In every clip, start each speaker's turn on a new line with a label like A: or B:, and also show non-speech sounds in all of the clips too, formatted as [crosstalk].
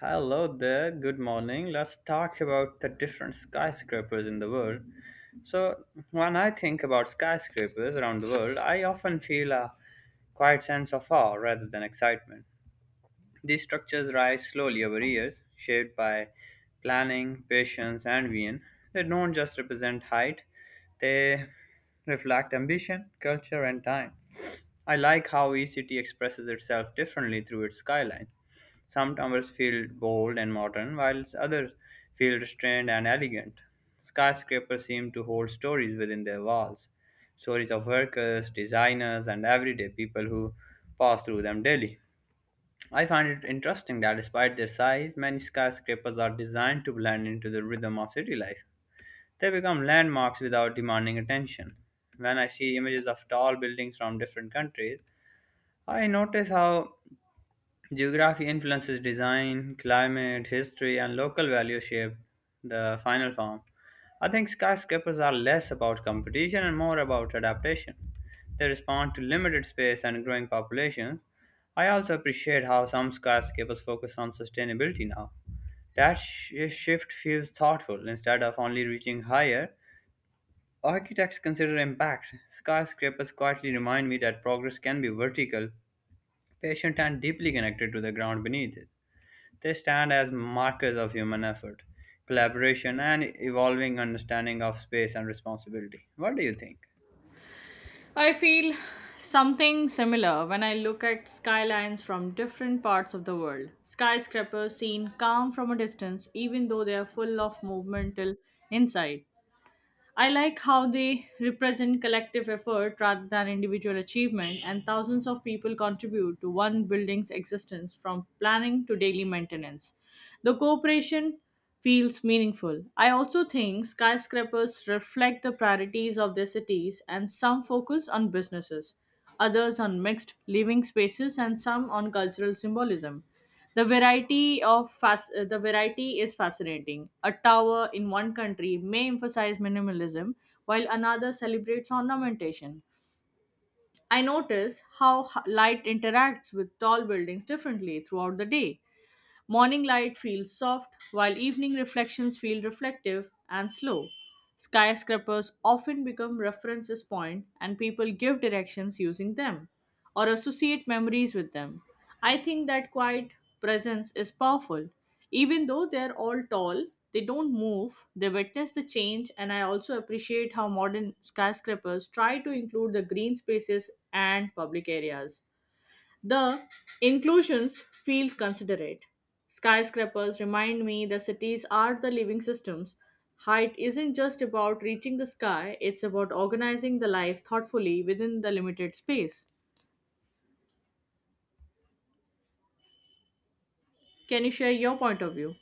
A: Hello there, good morning. Let's talk about the different skyscrapers in the world. So, when I think about skyscrapers around the world, I often feel a quiet sense of awe rather than excitement. These structures rise slowly over years, shaped by planning, patience, and vision. They don't just represent height, they reflect ambition, culture, and time. I like how each city expresses itself differently through its skyline. Some towers feel bold and modern, while others feel restrained and elegant. Skyscrapers seem to hold stories within their walls stories of workers, designers, and everyday people who pass through them daily. I find it interesting that despite their size, many skyscrapers are designed to blend into the rhythm of city life. They become landmarks without demanding attention. When I see images of tall buildings from different countries, I notice how geography influences design, climate, history, and local values shape the final form. I think skyscrapers are less about competition and more about adaptation. They respond to limited space and growing populations. I also appreciate how some skyscrapers focus on sustainability now. That shift feels thoughtful instead of only reaching higher. Architects consider impact. Skyscrapers quietly remind me that progress can be vertical patient and deeply connected to the ground beneath it. They stand as markers of human effort, collaboration, and evolving understanding of space and responsibility. What do you think?
B: I feel something similar when I look at skylines from different parts of the world. Skyscrapers seem calm from a distance, even though they are full of movement till inside. I like how they represent collective effort rather than individual achievement, and thousands of people contribute to one building's existence from planning to daily maintenance. The cooperation feels meaningful. I also think skyscrapers reflect the priorities of their cities, and some focus on businesses, others on mixed living spaces, and some on cultural symbolism. The variety the variety is fascinating. A tower in one country may emphasize minimalism, while another celebrates ornamentation. I notice how light interacts with tall buildings differently throughout the day. Morning light feels soft, while evening reflections feel reflective and slow. Skyscrapers often become references point and people give directions using them or associate memories with them. I think that quiet presence is powerful. Even though they're all tall, they don't move, they witness the change, and I also appreciate how modern skyscrapers try to include the green spaces and public areas. The inclusions feel considerate. Skyscrapers remind me that cities are the living systems. Height isn't just about reaching the sky, it's about organizing the life thoughtfully within the limited space. Can you share your point of view?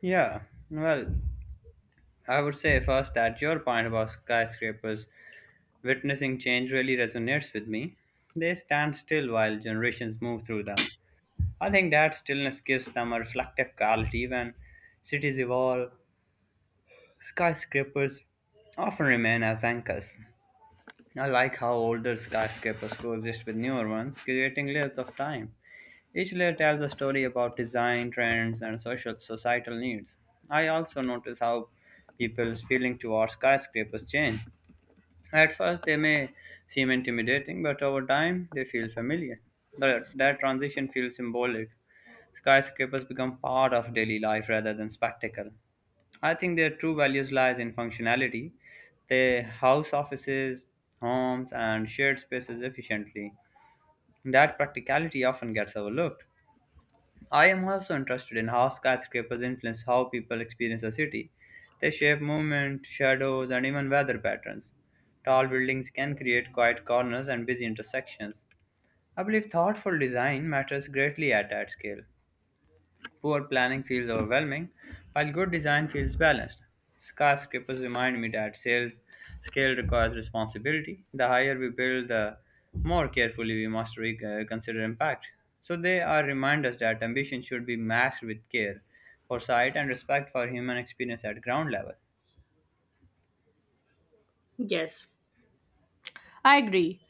A: Yeah, well, I would say first that your point about skyscrapers witnessing change really resonates with me. They stand still while generations move through them. I think that stillness gives them a reflective quality when cities evolve. Skyscrapers often remain as anchors, I like how older skyscrapers coexist with newer ones, creating layers of time. Each layer tells a story about design, trends, and social societal needs. I also notice how people's feeling towards skyscrapers change. At first, they may seem intimidating, but over time, they feel familiar. That transition feels symbolic. Skyscrapers become part of daily life rather than spectacle. I think their true values lies in functionality. They house offices, homes, and shared spaces efficiently. That practicality often gets overlooked. I am also interested in how skyscrapers influence how people experience a city. They shape movement, shadows, and even weather patterns. Tall buildings can create quiet corners and busy intersections. I believe thoughtful design matters greatly at that scale. Poor planning feels overwhelming, while good design feels balanced. Skyscrapers remind me that sales scale requires responsibility. The higher we build, the more carefully we must consider impact. So they are reminders that ambition should be matched with care, foresight, and respect for human experience at ground level.
B: Yes. I agree.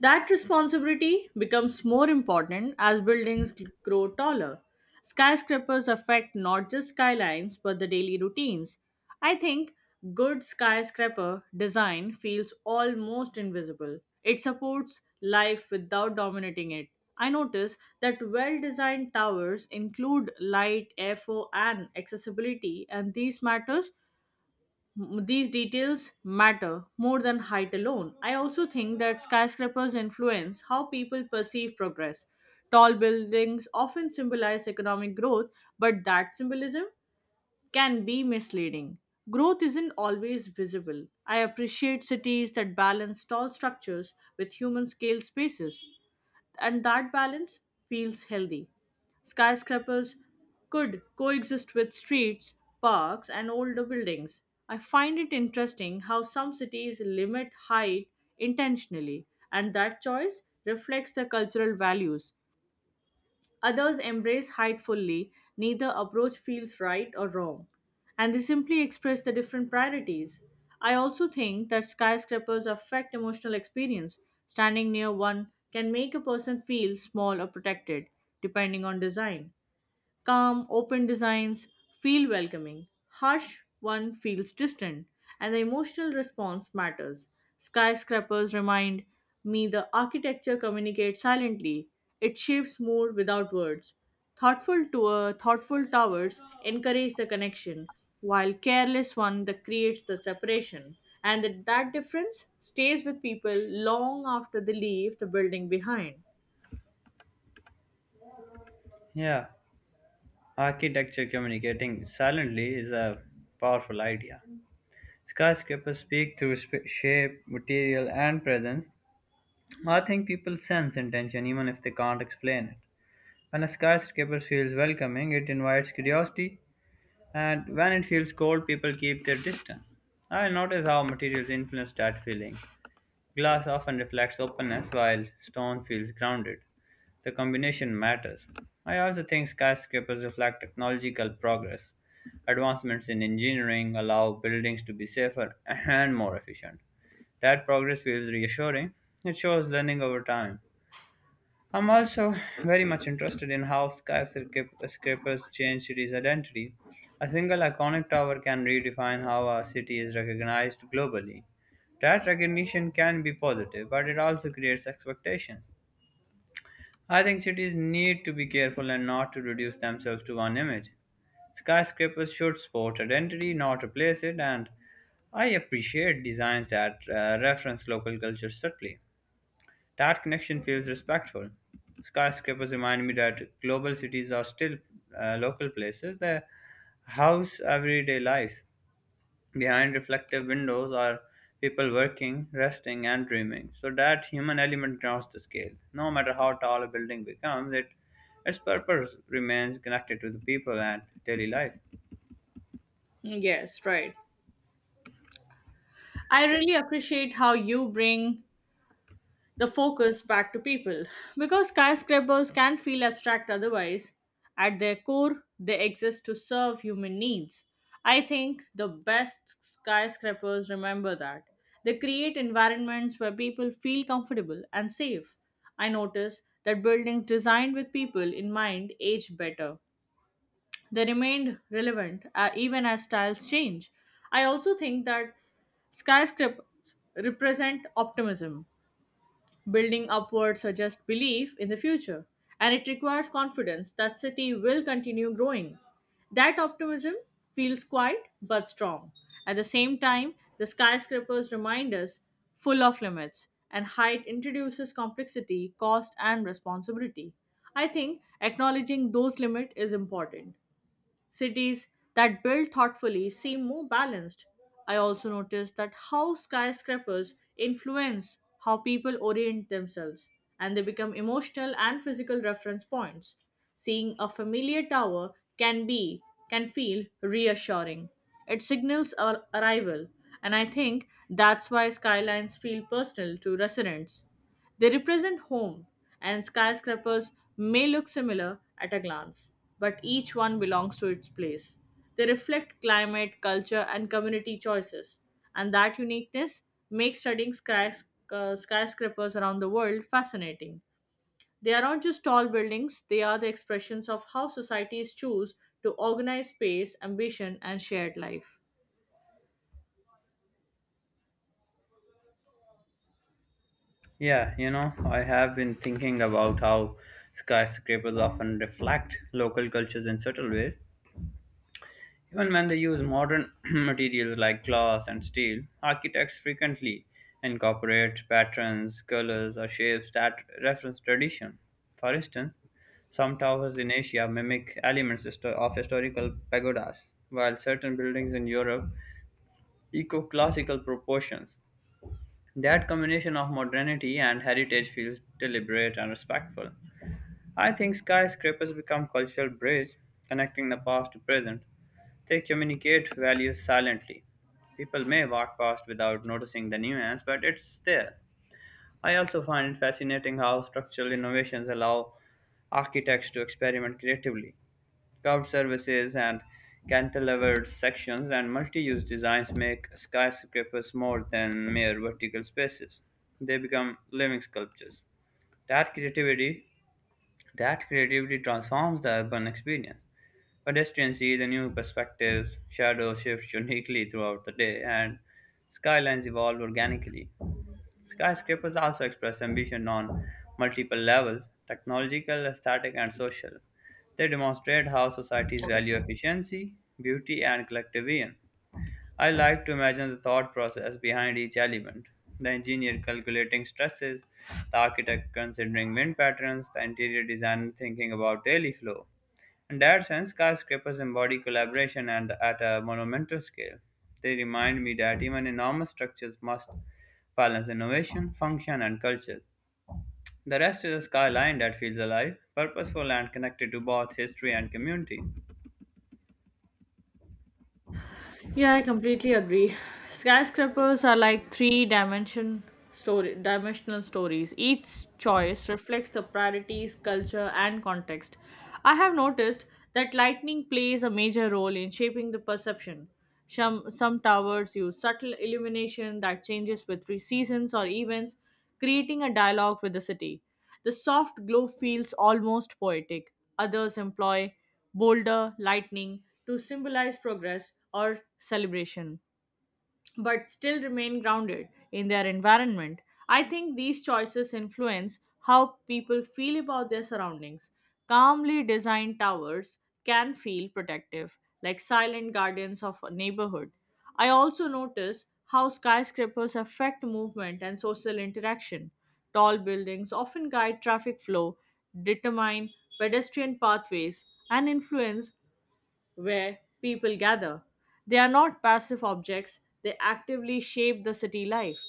B: That responsibility becomes more important as buildings grow taller. Skyscrapers affect not just skylines but the daily routines. I think good skyscraper design feels almost invisible. It supports life without dominating it. I notice that well designed towers include light, airflow, and accessibility, and these these details matter more than height alone. I also think that skyscrapers influence how people perceive progress. Tall buildings often symbolize economic growth, but that symbolism can be misleading. Growth isn't always visible. I appreciate cities that balance tall structures with human scale spaces and that balance feels healthy. Skyscrapers could coexist with streets, parks, and older buildings. I find it interesting how some cities limit height intentionally, and that choice reflects the cultural values. Others embrace height fully, neither approach feels right or wrong, and they simply express the different priorities. I also think that skyscrapers affect emotional experience. Standing near one can make a person feel small or protected, depending on design. Calm, open designs feel welcoming. Harsh one feels distant, and the emotional response matters. Skyscrapers remind me the architecture communicates silently. It shapes mood without words. Thoughtful towers encourage the connection, while careless one that creates the separation. And that difference stays with people long after they leave the building behind.
A: Yeah, architecture communicating silently is a powerful idea. Skyscrapers speak through shape, material, and presence, I think people sense intention even if they can't explain it. When a skyscraper feels welcoming, it invites curiosity, and when it feels cold, people keep their distance. I notice how materials influence that feeling. Glass often reflects openness, while stone feels grounded. The combination matters. I also think skyscrapers reflect technological progress. Advancements in engineering allow buildings to be safer [laughs] and more efficient. That progress feels reassuring. It shows learning over time. I'm also very much interested in how skyscrapers change cities' identity. A single iconic tower can redefine how a city is recognized globally. That recognition can be positive, but it also creates expectations. I think cities need to be careful and not to reduce themselves to one image. Skyscrapers should support identity, not replace it, and I appreciate designs that reference local culture subtly. That connection feels respectful. Skyscrapers remind me that global cities are still local places. They house everyday lives. Behind reflective windows are people working, resting, and dreaming. So that human element grounds the scale. No matter how tall a building becomes, it its purpose remains connected to the people and daily life.
B: Yes, right. I really appreciate how you bring the focus back to people. Because skyscrapers can feel abstract otherwise, at their core, they exist to serve human needs. I think the best skyscrapers remember that. They create environments where people feel comfortable and safe. I notice that buildings designed with people in mind age better. They remained relevant even as styles change. I also think that skyscrapers represent optimism building upward suggests belief in the future, and it requires confidence that city will continue growing. That optimism feels quiet but strong. At the same time, the skyscrapers remind us full of limits, and height introduces complexity, cost, and responsibility. I think acknowledging those limits is important. Cities that build thoughtfully seem more balanced. I also noticed that how skyscrapers influence how people orient themselves and they become emotional and physical reference points. Seeing a familiar tower can be can feel reassuring. It signals our arrival and I think that's why skylines feel personal to residents. They represent home, and skyscrapers may look similar at a glance, but each one belongs to its place. They reflect climate, culture, and community choices, and that uniqueness makes studying skyscrapers around the world fascinating. They are not just tall buildings, they are the expressions of how societies choose to organize space, ambition, and shared life.
A: Yeah, you know, I have been thinking about how skyscrapers often reflect local cultures in subtle ways. Even when they use modern [clears throat] materials like glass and steel, architects frequently incorporate patterns, colors, or shapes that reference tradition. For instance, some towers in Asia mimic elements histo- of historical pagodas, while certain buildings in Europe echo classical proportions. That combination of modernity and heritage feels deliberate and respectful. I think skyscrapers become cultural bridges connecting the past to present. They communicate values silently. People may walk past without noticing the nuance, but it's there. I also find it fascinating how structural innovations allow architects to experiment creatively. Curved surfaces and cantilevered sections and multi-use designs make skyscrapers more than mere vertical spaces. They become living sculptures. That creativity that creativity transforms the urban experience. Pedestrians see the new perspectives, shadows shift uniquely throughout the day, and skylines evolve organically. Skyscrapers also express ambition on multiple levels technological, aesthetic, and social. They demonstrate how societies value efficiency, beauty, and collective vision. I like to imagine the thought process behind each element the engineer calculating stresses, the architect considering wind patterns, the interior designer thinking about daily flow. In that sense, skyscrapers embody collaboration and at a monumental scale. They remind me that even enormous structures must balance innovation, function, and culture. The rest is a skyline that feels alive, purposeful, and connected to both history and community.
B: Yeah, I completely agree. Skyscrapers are like three dimension story dimensional stories. Each choice reflects the priorities, culture, and context. I have noticed that lighting plays a major role in shaping the perception. Some towers use subtle illumination that changes with seasons or events, creating a dialogue with the city. The soft glow feels almost poetic. Others employ boulder, lightning to symbolize progress or celebration but still remain grounded in their environment. I think these choices influence how people feel about their surroundings. Calmly designed towers can feel protective, like silent guardians of a neighborhood. I also notice how skyscrapers affect movement and social interaction. Tall buildings often guide traffic flow, determine pedestrian pathways, and influence where people gather. They are not passive objects, they actively shape the city life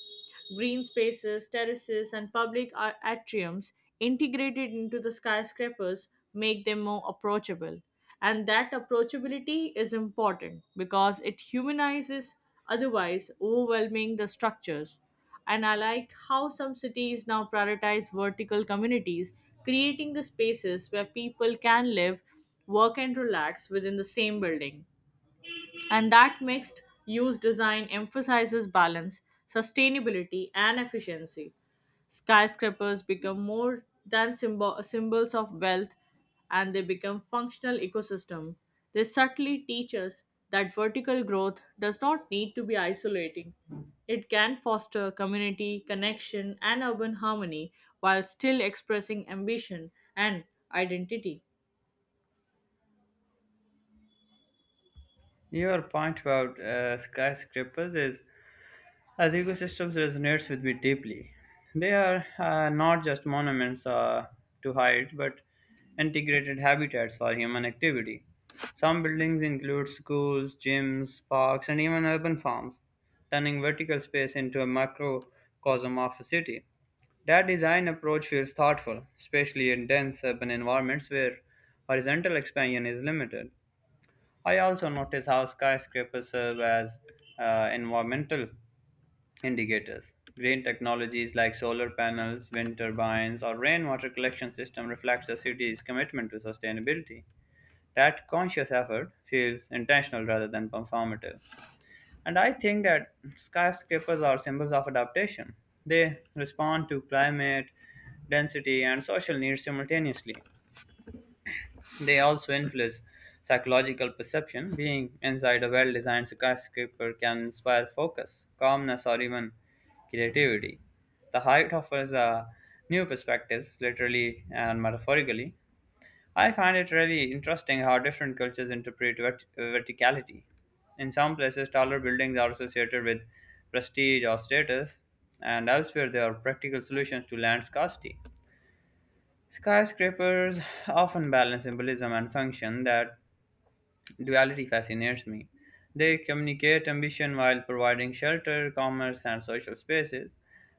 B: green spaces, terraces, and atriums integrated into the skyscrapers make them more approachable. And that approachability is important because it humanizes otherwise overwhelming the structures. And I like how some cities now prioritize vertical communities, creating the spaces where people can live, work, and relax within the same building and that mixed use design emphasizes balance, sustainability, and efficiency. Skyscrapers become more than symbols of wealth and they become functional ecosystem. They subtly teach us that vertical growth does not need to be isolating. It can foster community, connection, and urban harmony while still expressing ambition and identity.
A: Your point about skyscrapers is as ecosystems resonates with me deeply. They are not just monuments to height, but integrated habitats for human activity. Some buildings include schools, gyms, parks, and even urban farms, turning vertical space into a microcosm of a city. That design approach feels thoughtful, especially in dense urban environments where horizontal expansion is limited. I also notice how skyscrapers serve as environmental indicators. Green technologies like solar panels, wind turbines, or rainwater collection system reflects a city's commitment to sustainability. That conscious effort feels intentional rather than performative. And I think that skyscrapers are symbols of adaptation. They respond to climate, density, and social needs simultaneously. They also influence psychological perception. Being inside a well designed skyscraper can inspire focus, calmness, or even creativity. The height offers a new perspectives, literally and metaphorically. I find it really interesting how different cultures interpret verticality. In some places, taller buildings are associated with prestige or status, and elsewhere, they are practical solutions to land scarcity. Skyscrapers often balance symbolism and function that duality fascinates me. They communicate ambition while providing shelter, commerce, and social spaces.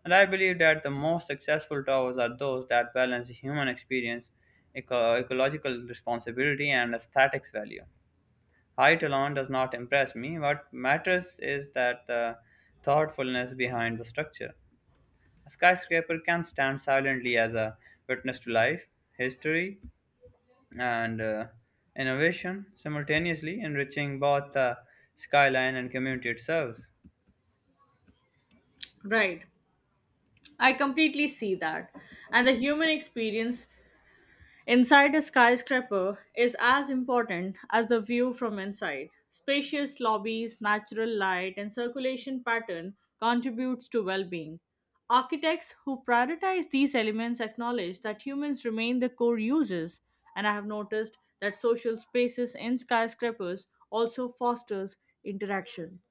A: And I believe that the most successful towers are those that balance human experience, ecological responsibility, and aesthetics value. Height alone does not impress me. What matters is that the thoughtfulness behind the structure. A skyscraper can stand silently as a witness to life, history, and innovation, simultaneously enriching both the skyline and community it serves.
B: Right. I completely see that. And the human experience inside a skyscraper is as important as the view from inside. Spacious lobbies, natural light, and circulation pattern contributes to well-being. Architects who prioritize these elements acknowledge that humans remain the core users, and I have noticed that social spaces in skyscrapers also fosters interaction.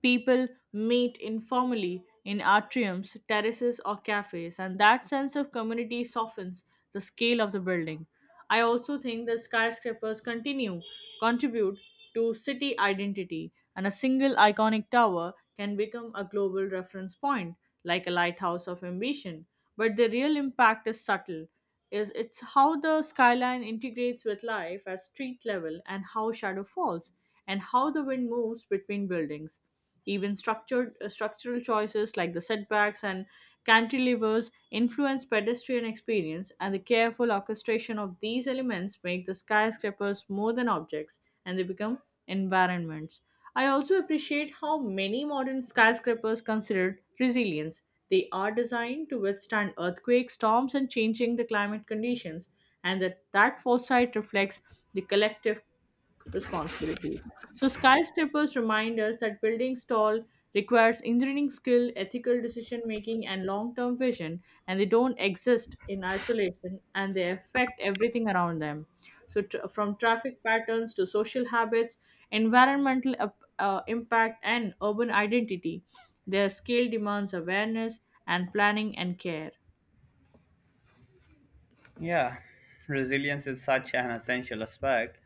B: People meet informally in atriums, terraces, or cafes, and that sense of community softens the scale of the building. I also think the skyscrapers continue contribute to city identity, and a single iconic tower can become a global reference point, like a lighthouse of ambition. But the real impact is subtle. Is it's how the skyline integrates with life at street level and how shadow falls and how the wind moves between buildings. Even structured structural choices like the setbacks and cantilevers influence pedestrian experience, and the careful orchestration of these elements make the skyscrapers more than objects, and they become environments. I also appreciate how many modern skyscrapers consider resilience. They are designed to withstand earthquakes, storms, and changing the climate conditions, and that foresight reflects the collective responsibility. So skyscrapers remind us that building tall requires engineering skill, ethical decision making, and long-term vision, and they don't exist in isolation, and they affect everything around them. So tr from traffic patterns to social habits, impact, and urban identity, their scale demands awareness and planning and care.
A: Yeah, resilience is such an essential aspect,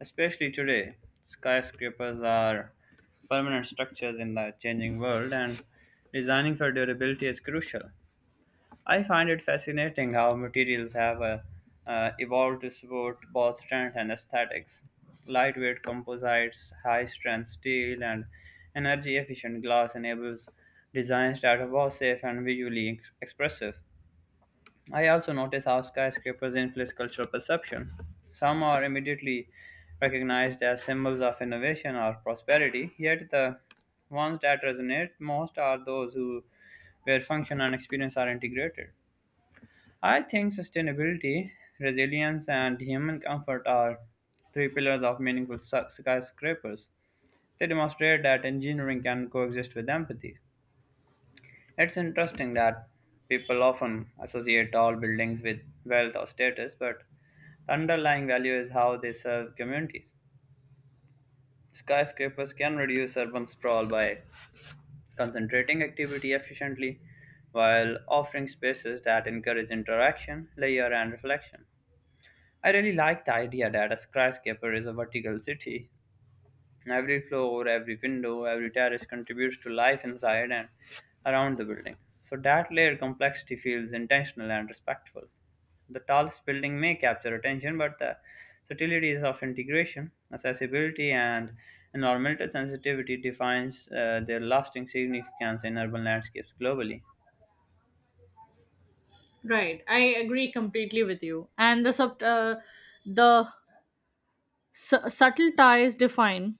A: especially today. Skyscrapers are permanent structures in the changing world, and designing for durability is crucial. I find it fascinating how materials have evolved to support both strength and aesthetics. Lightweight composites, high strength steel, and energy efficient glass enables designs that are both safe and visually expressive. I also notice how skyscrapers influence cultural perception. Some are immediately recognized as symbols of innovation or prosperity, yet the ones that resonate most are those who, where function and experience are integrated. I think sustainability, resilience, and human comfort are three pillars of meaningful skyscrapers. They demonstrate that engineering can coexist with empathy. It's interesting that people often associate tall buildings with wealth or status, but the underlying value is how they serve communities. Skyscrapers can reduce urban sprawl by concentrating activity efficiently while offering spaces that encourage interaction, layer, and reflection. I really like the idea that a skyscraper is a vertical city. Every floor, every window, every terrace contributes to life inside and around the building. So that layered complexity feels intentional and respectful. The tallest building may capture attention, but the subtleties of integration, accessibility, and environmental sensitivity defines their lasting significance in urban landscapes globally.
B: Right, I agree completely with you. And the sub, the Su- subtle ties define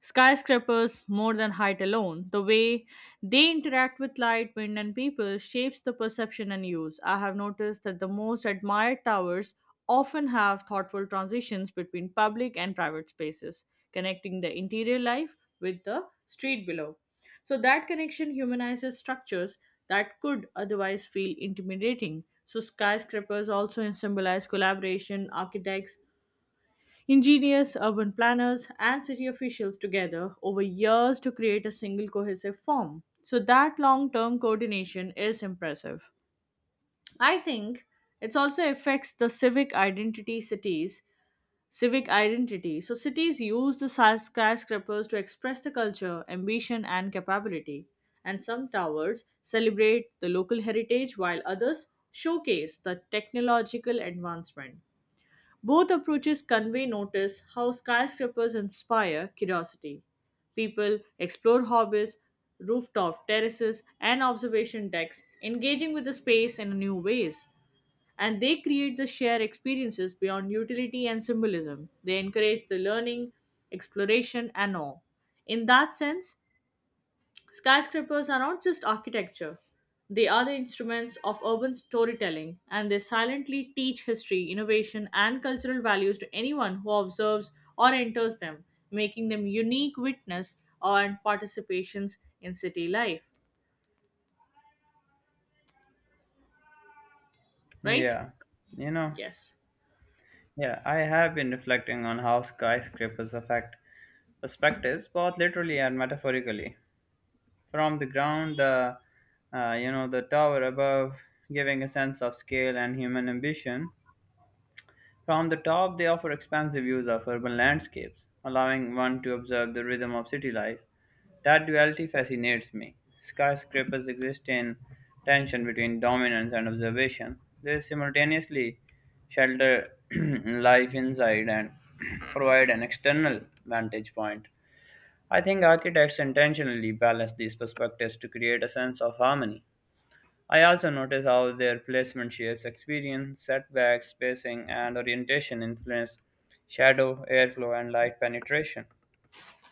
B: skyscrapers more than height alone. The way they interact with light, wind, and people shapes the perception and use. I have noticed that the most admired towers often have thoughtful transitions between public and private spaces, connecting the interior life with the street below. So that connection humanizes structures that could otherwise feel intimidating. So skyscrapers also symbolize collaboration, architects, Ingenious urban planners and city officials together over years to create a single cohesive form. So that long term coordination is impressive. I think it also affects the civic identity cities. Civic identity. So cities use the skyscrapers to express the culture, ambition, and capability. And some towers celebrate the local heritage while others showcase the technological advancement. Both approaches convey notice how skyscrapers inspire curiosity. People explore hobbies, rooftop terraces, and observation decks, engaging with the space in new ways and they create the shared experiences beyond utility and symbolism. They encourage the learning, exploration, and awe. In that sense, skyscrapers are not just architecture, they are the instruments of urban storytelling, and they silently teach history, innovation, and cultural values to anyone who observes or enters them, making them unique witness and participations in city life. Right?
A: Yeah, you know.
B: Yes.
A: Yeah, I have been reflecting on how skyscrapers affect perspectives, both literally and metaphorically. From the ground, the the tower above, giving a sense of scale and human ambition, from the top, they offer expansive views of urban landscapes, allowing one to observe the rhythm of city life. That duality fascinates me. Skyscrapers exist in tension between dominance and observation. They simultaneously shelter [clears throat] life inside and [clears throat] provide an external vantage point. I think architects intentionally balance these perspectives to create a sense of harmony. I also notice how their placement shapes experience, setbacks, spacing, and orientation influence shadow, airflow, and light penetration.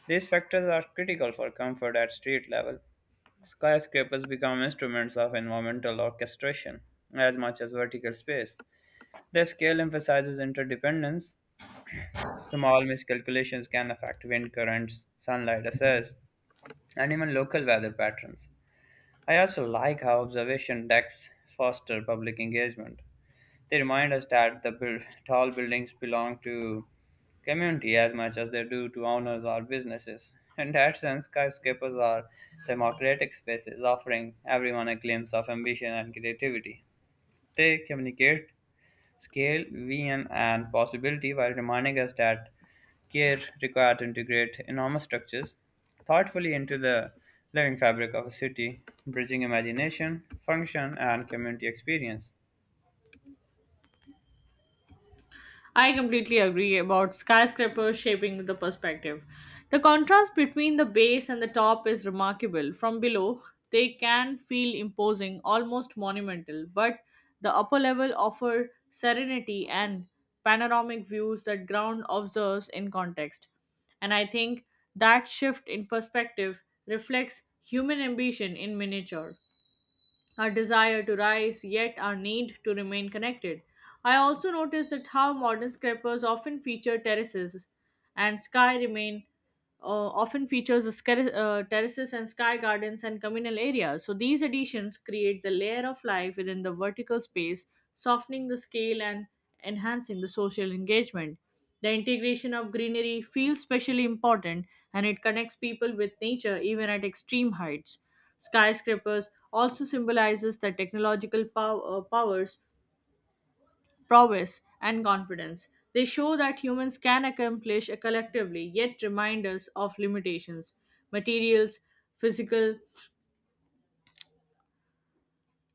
A: These factors are critical for comfort at street level. Skyscrapers become instruments of environmental orchestration as much as vertical space. Their scale emphasizes interdependence. Small miscalculations can affect wind currents, sunlight access, and even local weather patterns. I also like how observation decks foster public engagement. They remind us that tall buildings belong to community as much as they do to owners or businesses. In that sense, skyscrapers are democratic spaces offering everyone a glimpse of ambition and creativity. They communicate scale, vision, and possibility while reminding us that care required to integrate enormous structures thoughtfully into the living fabric of a city, bridging imagination, function, and community experience.
B: I completely agree about skyscrapers shaping the perspective. The contrast between the base and the top is remarkable. From below, they can feel imposing, almost monumental, but the upper level offer serenity and panoramic views that ground observes in context. And I think that shift in perspective reflects human ambition in miniature our desire to rise, yet our need to remain connected. I also noticed that how modern skyscrapers often feature terraces and sky remain often features the terraces and sky gardens and communal areas. So these additions create the layer of life within the vertical space, softening the scale and enhancing the social engagement. The integration of greenery feels specially important and it connects people with nature even at extreme heights. Skyscrapers also symbolizes the technological powers, prowess, and confidence. They show that humans can accomplish collectively, yet remind us of limitations. Materials, physical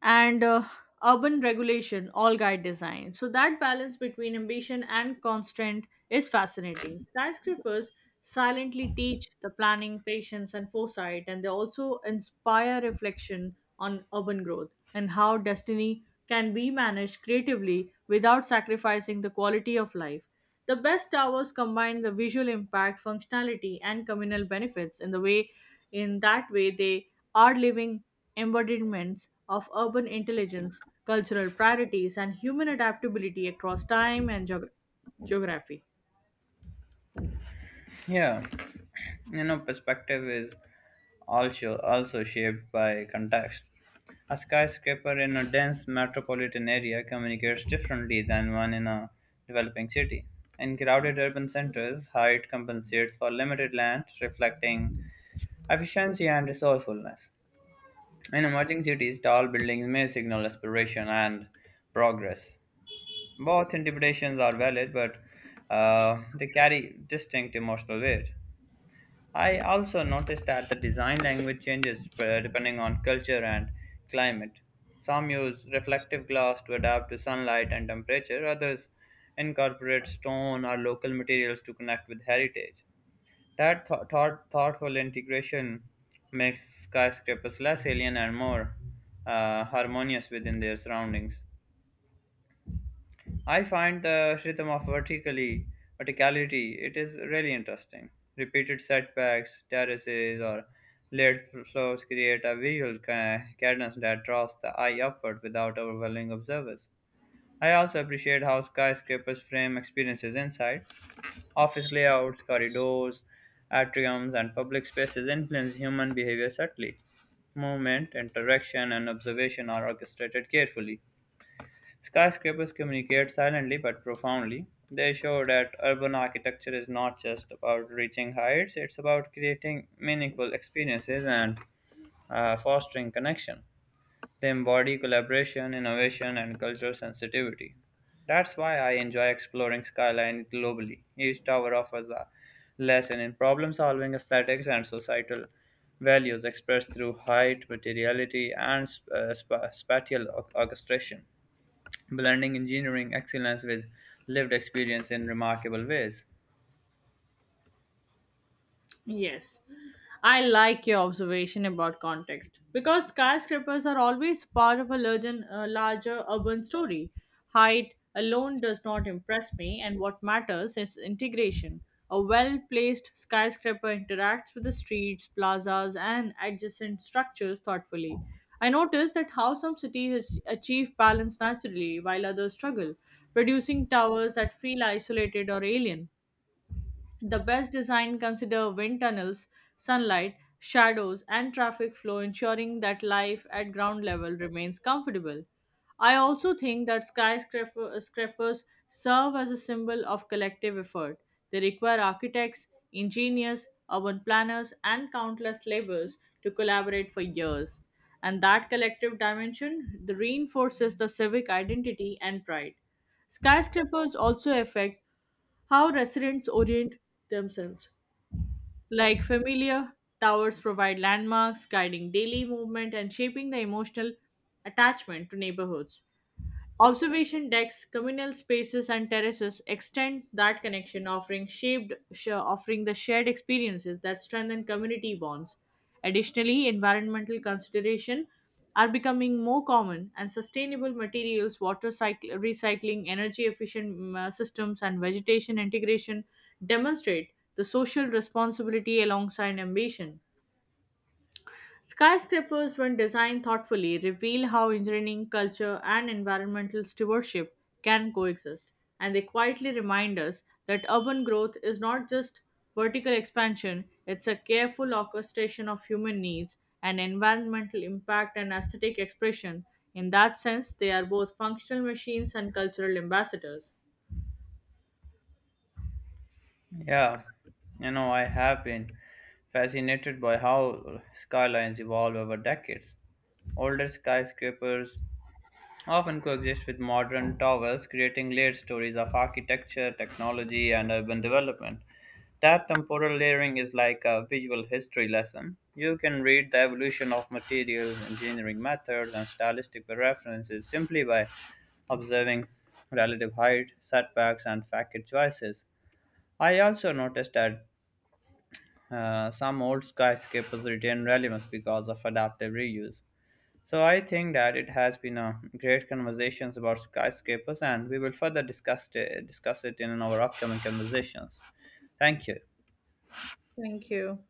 B: and urban regulation all guide design so that balance between ambition and constraint is fascinating skyscrapers silently teach the planning patience and foresight and they also inspire reflection on urban growth and how destiny can be managed creatively without sacrificing the quality of life the best towers combine the visual impact functionality and communal benefits in that way they are living embodiments of urban intelligence, cultural priorities, and human adaptability across time and geography.
A: Yeah, you know, perspective is also shaped by context. A skyscraper in a dense metropolitan area communicates differently than one in a developing city. In crowded urban centers, height compensates for limited land, reflecting efficiency and resourcefulness. In emerging cities, tall buildings may signal aspiration and progress. Both interpretations are valid, but they carry distinct emotional weight. I also noticed that the design language changes depending on culture and climate. Some use reflective glass to adapt to sunlight and temperature, others incorporate stone or local materials to connect with heritage. That thoughtful integration makes skyscrapers less alien and more harmonious within their surroundings. I find the rhythm of vertically verticality it is really interesting. Repeated setbacks, terraces, or layered floors create a visual cadence that draws the eye upward without overwhelming observers. I also appreciate how skyscrapers frame experiences inside. Office layouts, corridors, atriums, and public spaces influence human behavior subtly. Movement, interaction, and observation are orchestrated carefully. Skyscrapers communicate silently but profoundly. They show that urban architecture is not just about reaching heights, it's about creating meaningful experiences and fostering connection. They embody collaboration, innovation, and cultural sensitivity. That's why I enjoy exploring skyline globally. Each tower offers a lesson in problem solving aesthetics and societal values expressed through height, materiality, and spatial orchestration blending engineering excellence with lived experience in remarkable ways.
B: Yes. I like your observation about context because skyscrapers are always part of a larger urban story. Height alone does not impress me, and what matters is integration. A well placed skyscraper interacts with the streets, plazas, and adjacent structures thoughtfully. I notice that how some cities achieve balance naturally while others struggle, producing towers that feel isolated or alien. The best design consider wind tunnels, sunlight, shadows, and traffic flow, ensuring that life at ground level remains comfortable. I also think that skyscrapers serve as a symbol of collective effort. They require architects, engineers, urban planners, and countless laborers to collaborate for years. And that collective dimension reinforces the civic identity and pride. Skyscrapers also affect how residents orient themselves. Like familiar, towers provide landmarks, guiding daily movement and shaping the emotional attachment to neighborhoods. Observation decks, communal spaces, and terraces extend that connection, offering offering the shared experiences that strengthen community bonds. Additionally, environmental consideration are becoming more common, and sustainable materials, water cycle, recycling, energy efficient systems, and vegetation integration demonstrate the social responsibility alongside ambition. Skyscrapers, when designed thoughtfully, reveal how engineering, culture, and environmental stewardship can coexist, and they quietly remind us that urban growth is not just vertical expansion, it's a careful orchestration of human needs and environmental impact and aesthetic expression. In that sense, they are both functional machines and cultural ambassadors.
A: Yeah, you know, I have been fascinated by how skylines evolve over decades. Older skyscrapers often coexist with modern towers, creating layered stories of architecture, technology, and urban development. That temporal layering is like a visual history lesson. You can read the evolution of materials, engineering methods, and stylistic references simply by observing relative height, setbacks, and facade choices. I also noticed that some old skyscrapers retain relevance because of adaptive reuse. So I think that it has been a great conversations about skyscrapers, and we will further discuss it in our upcoming conversations. Thank you.
B: Thank you.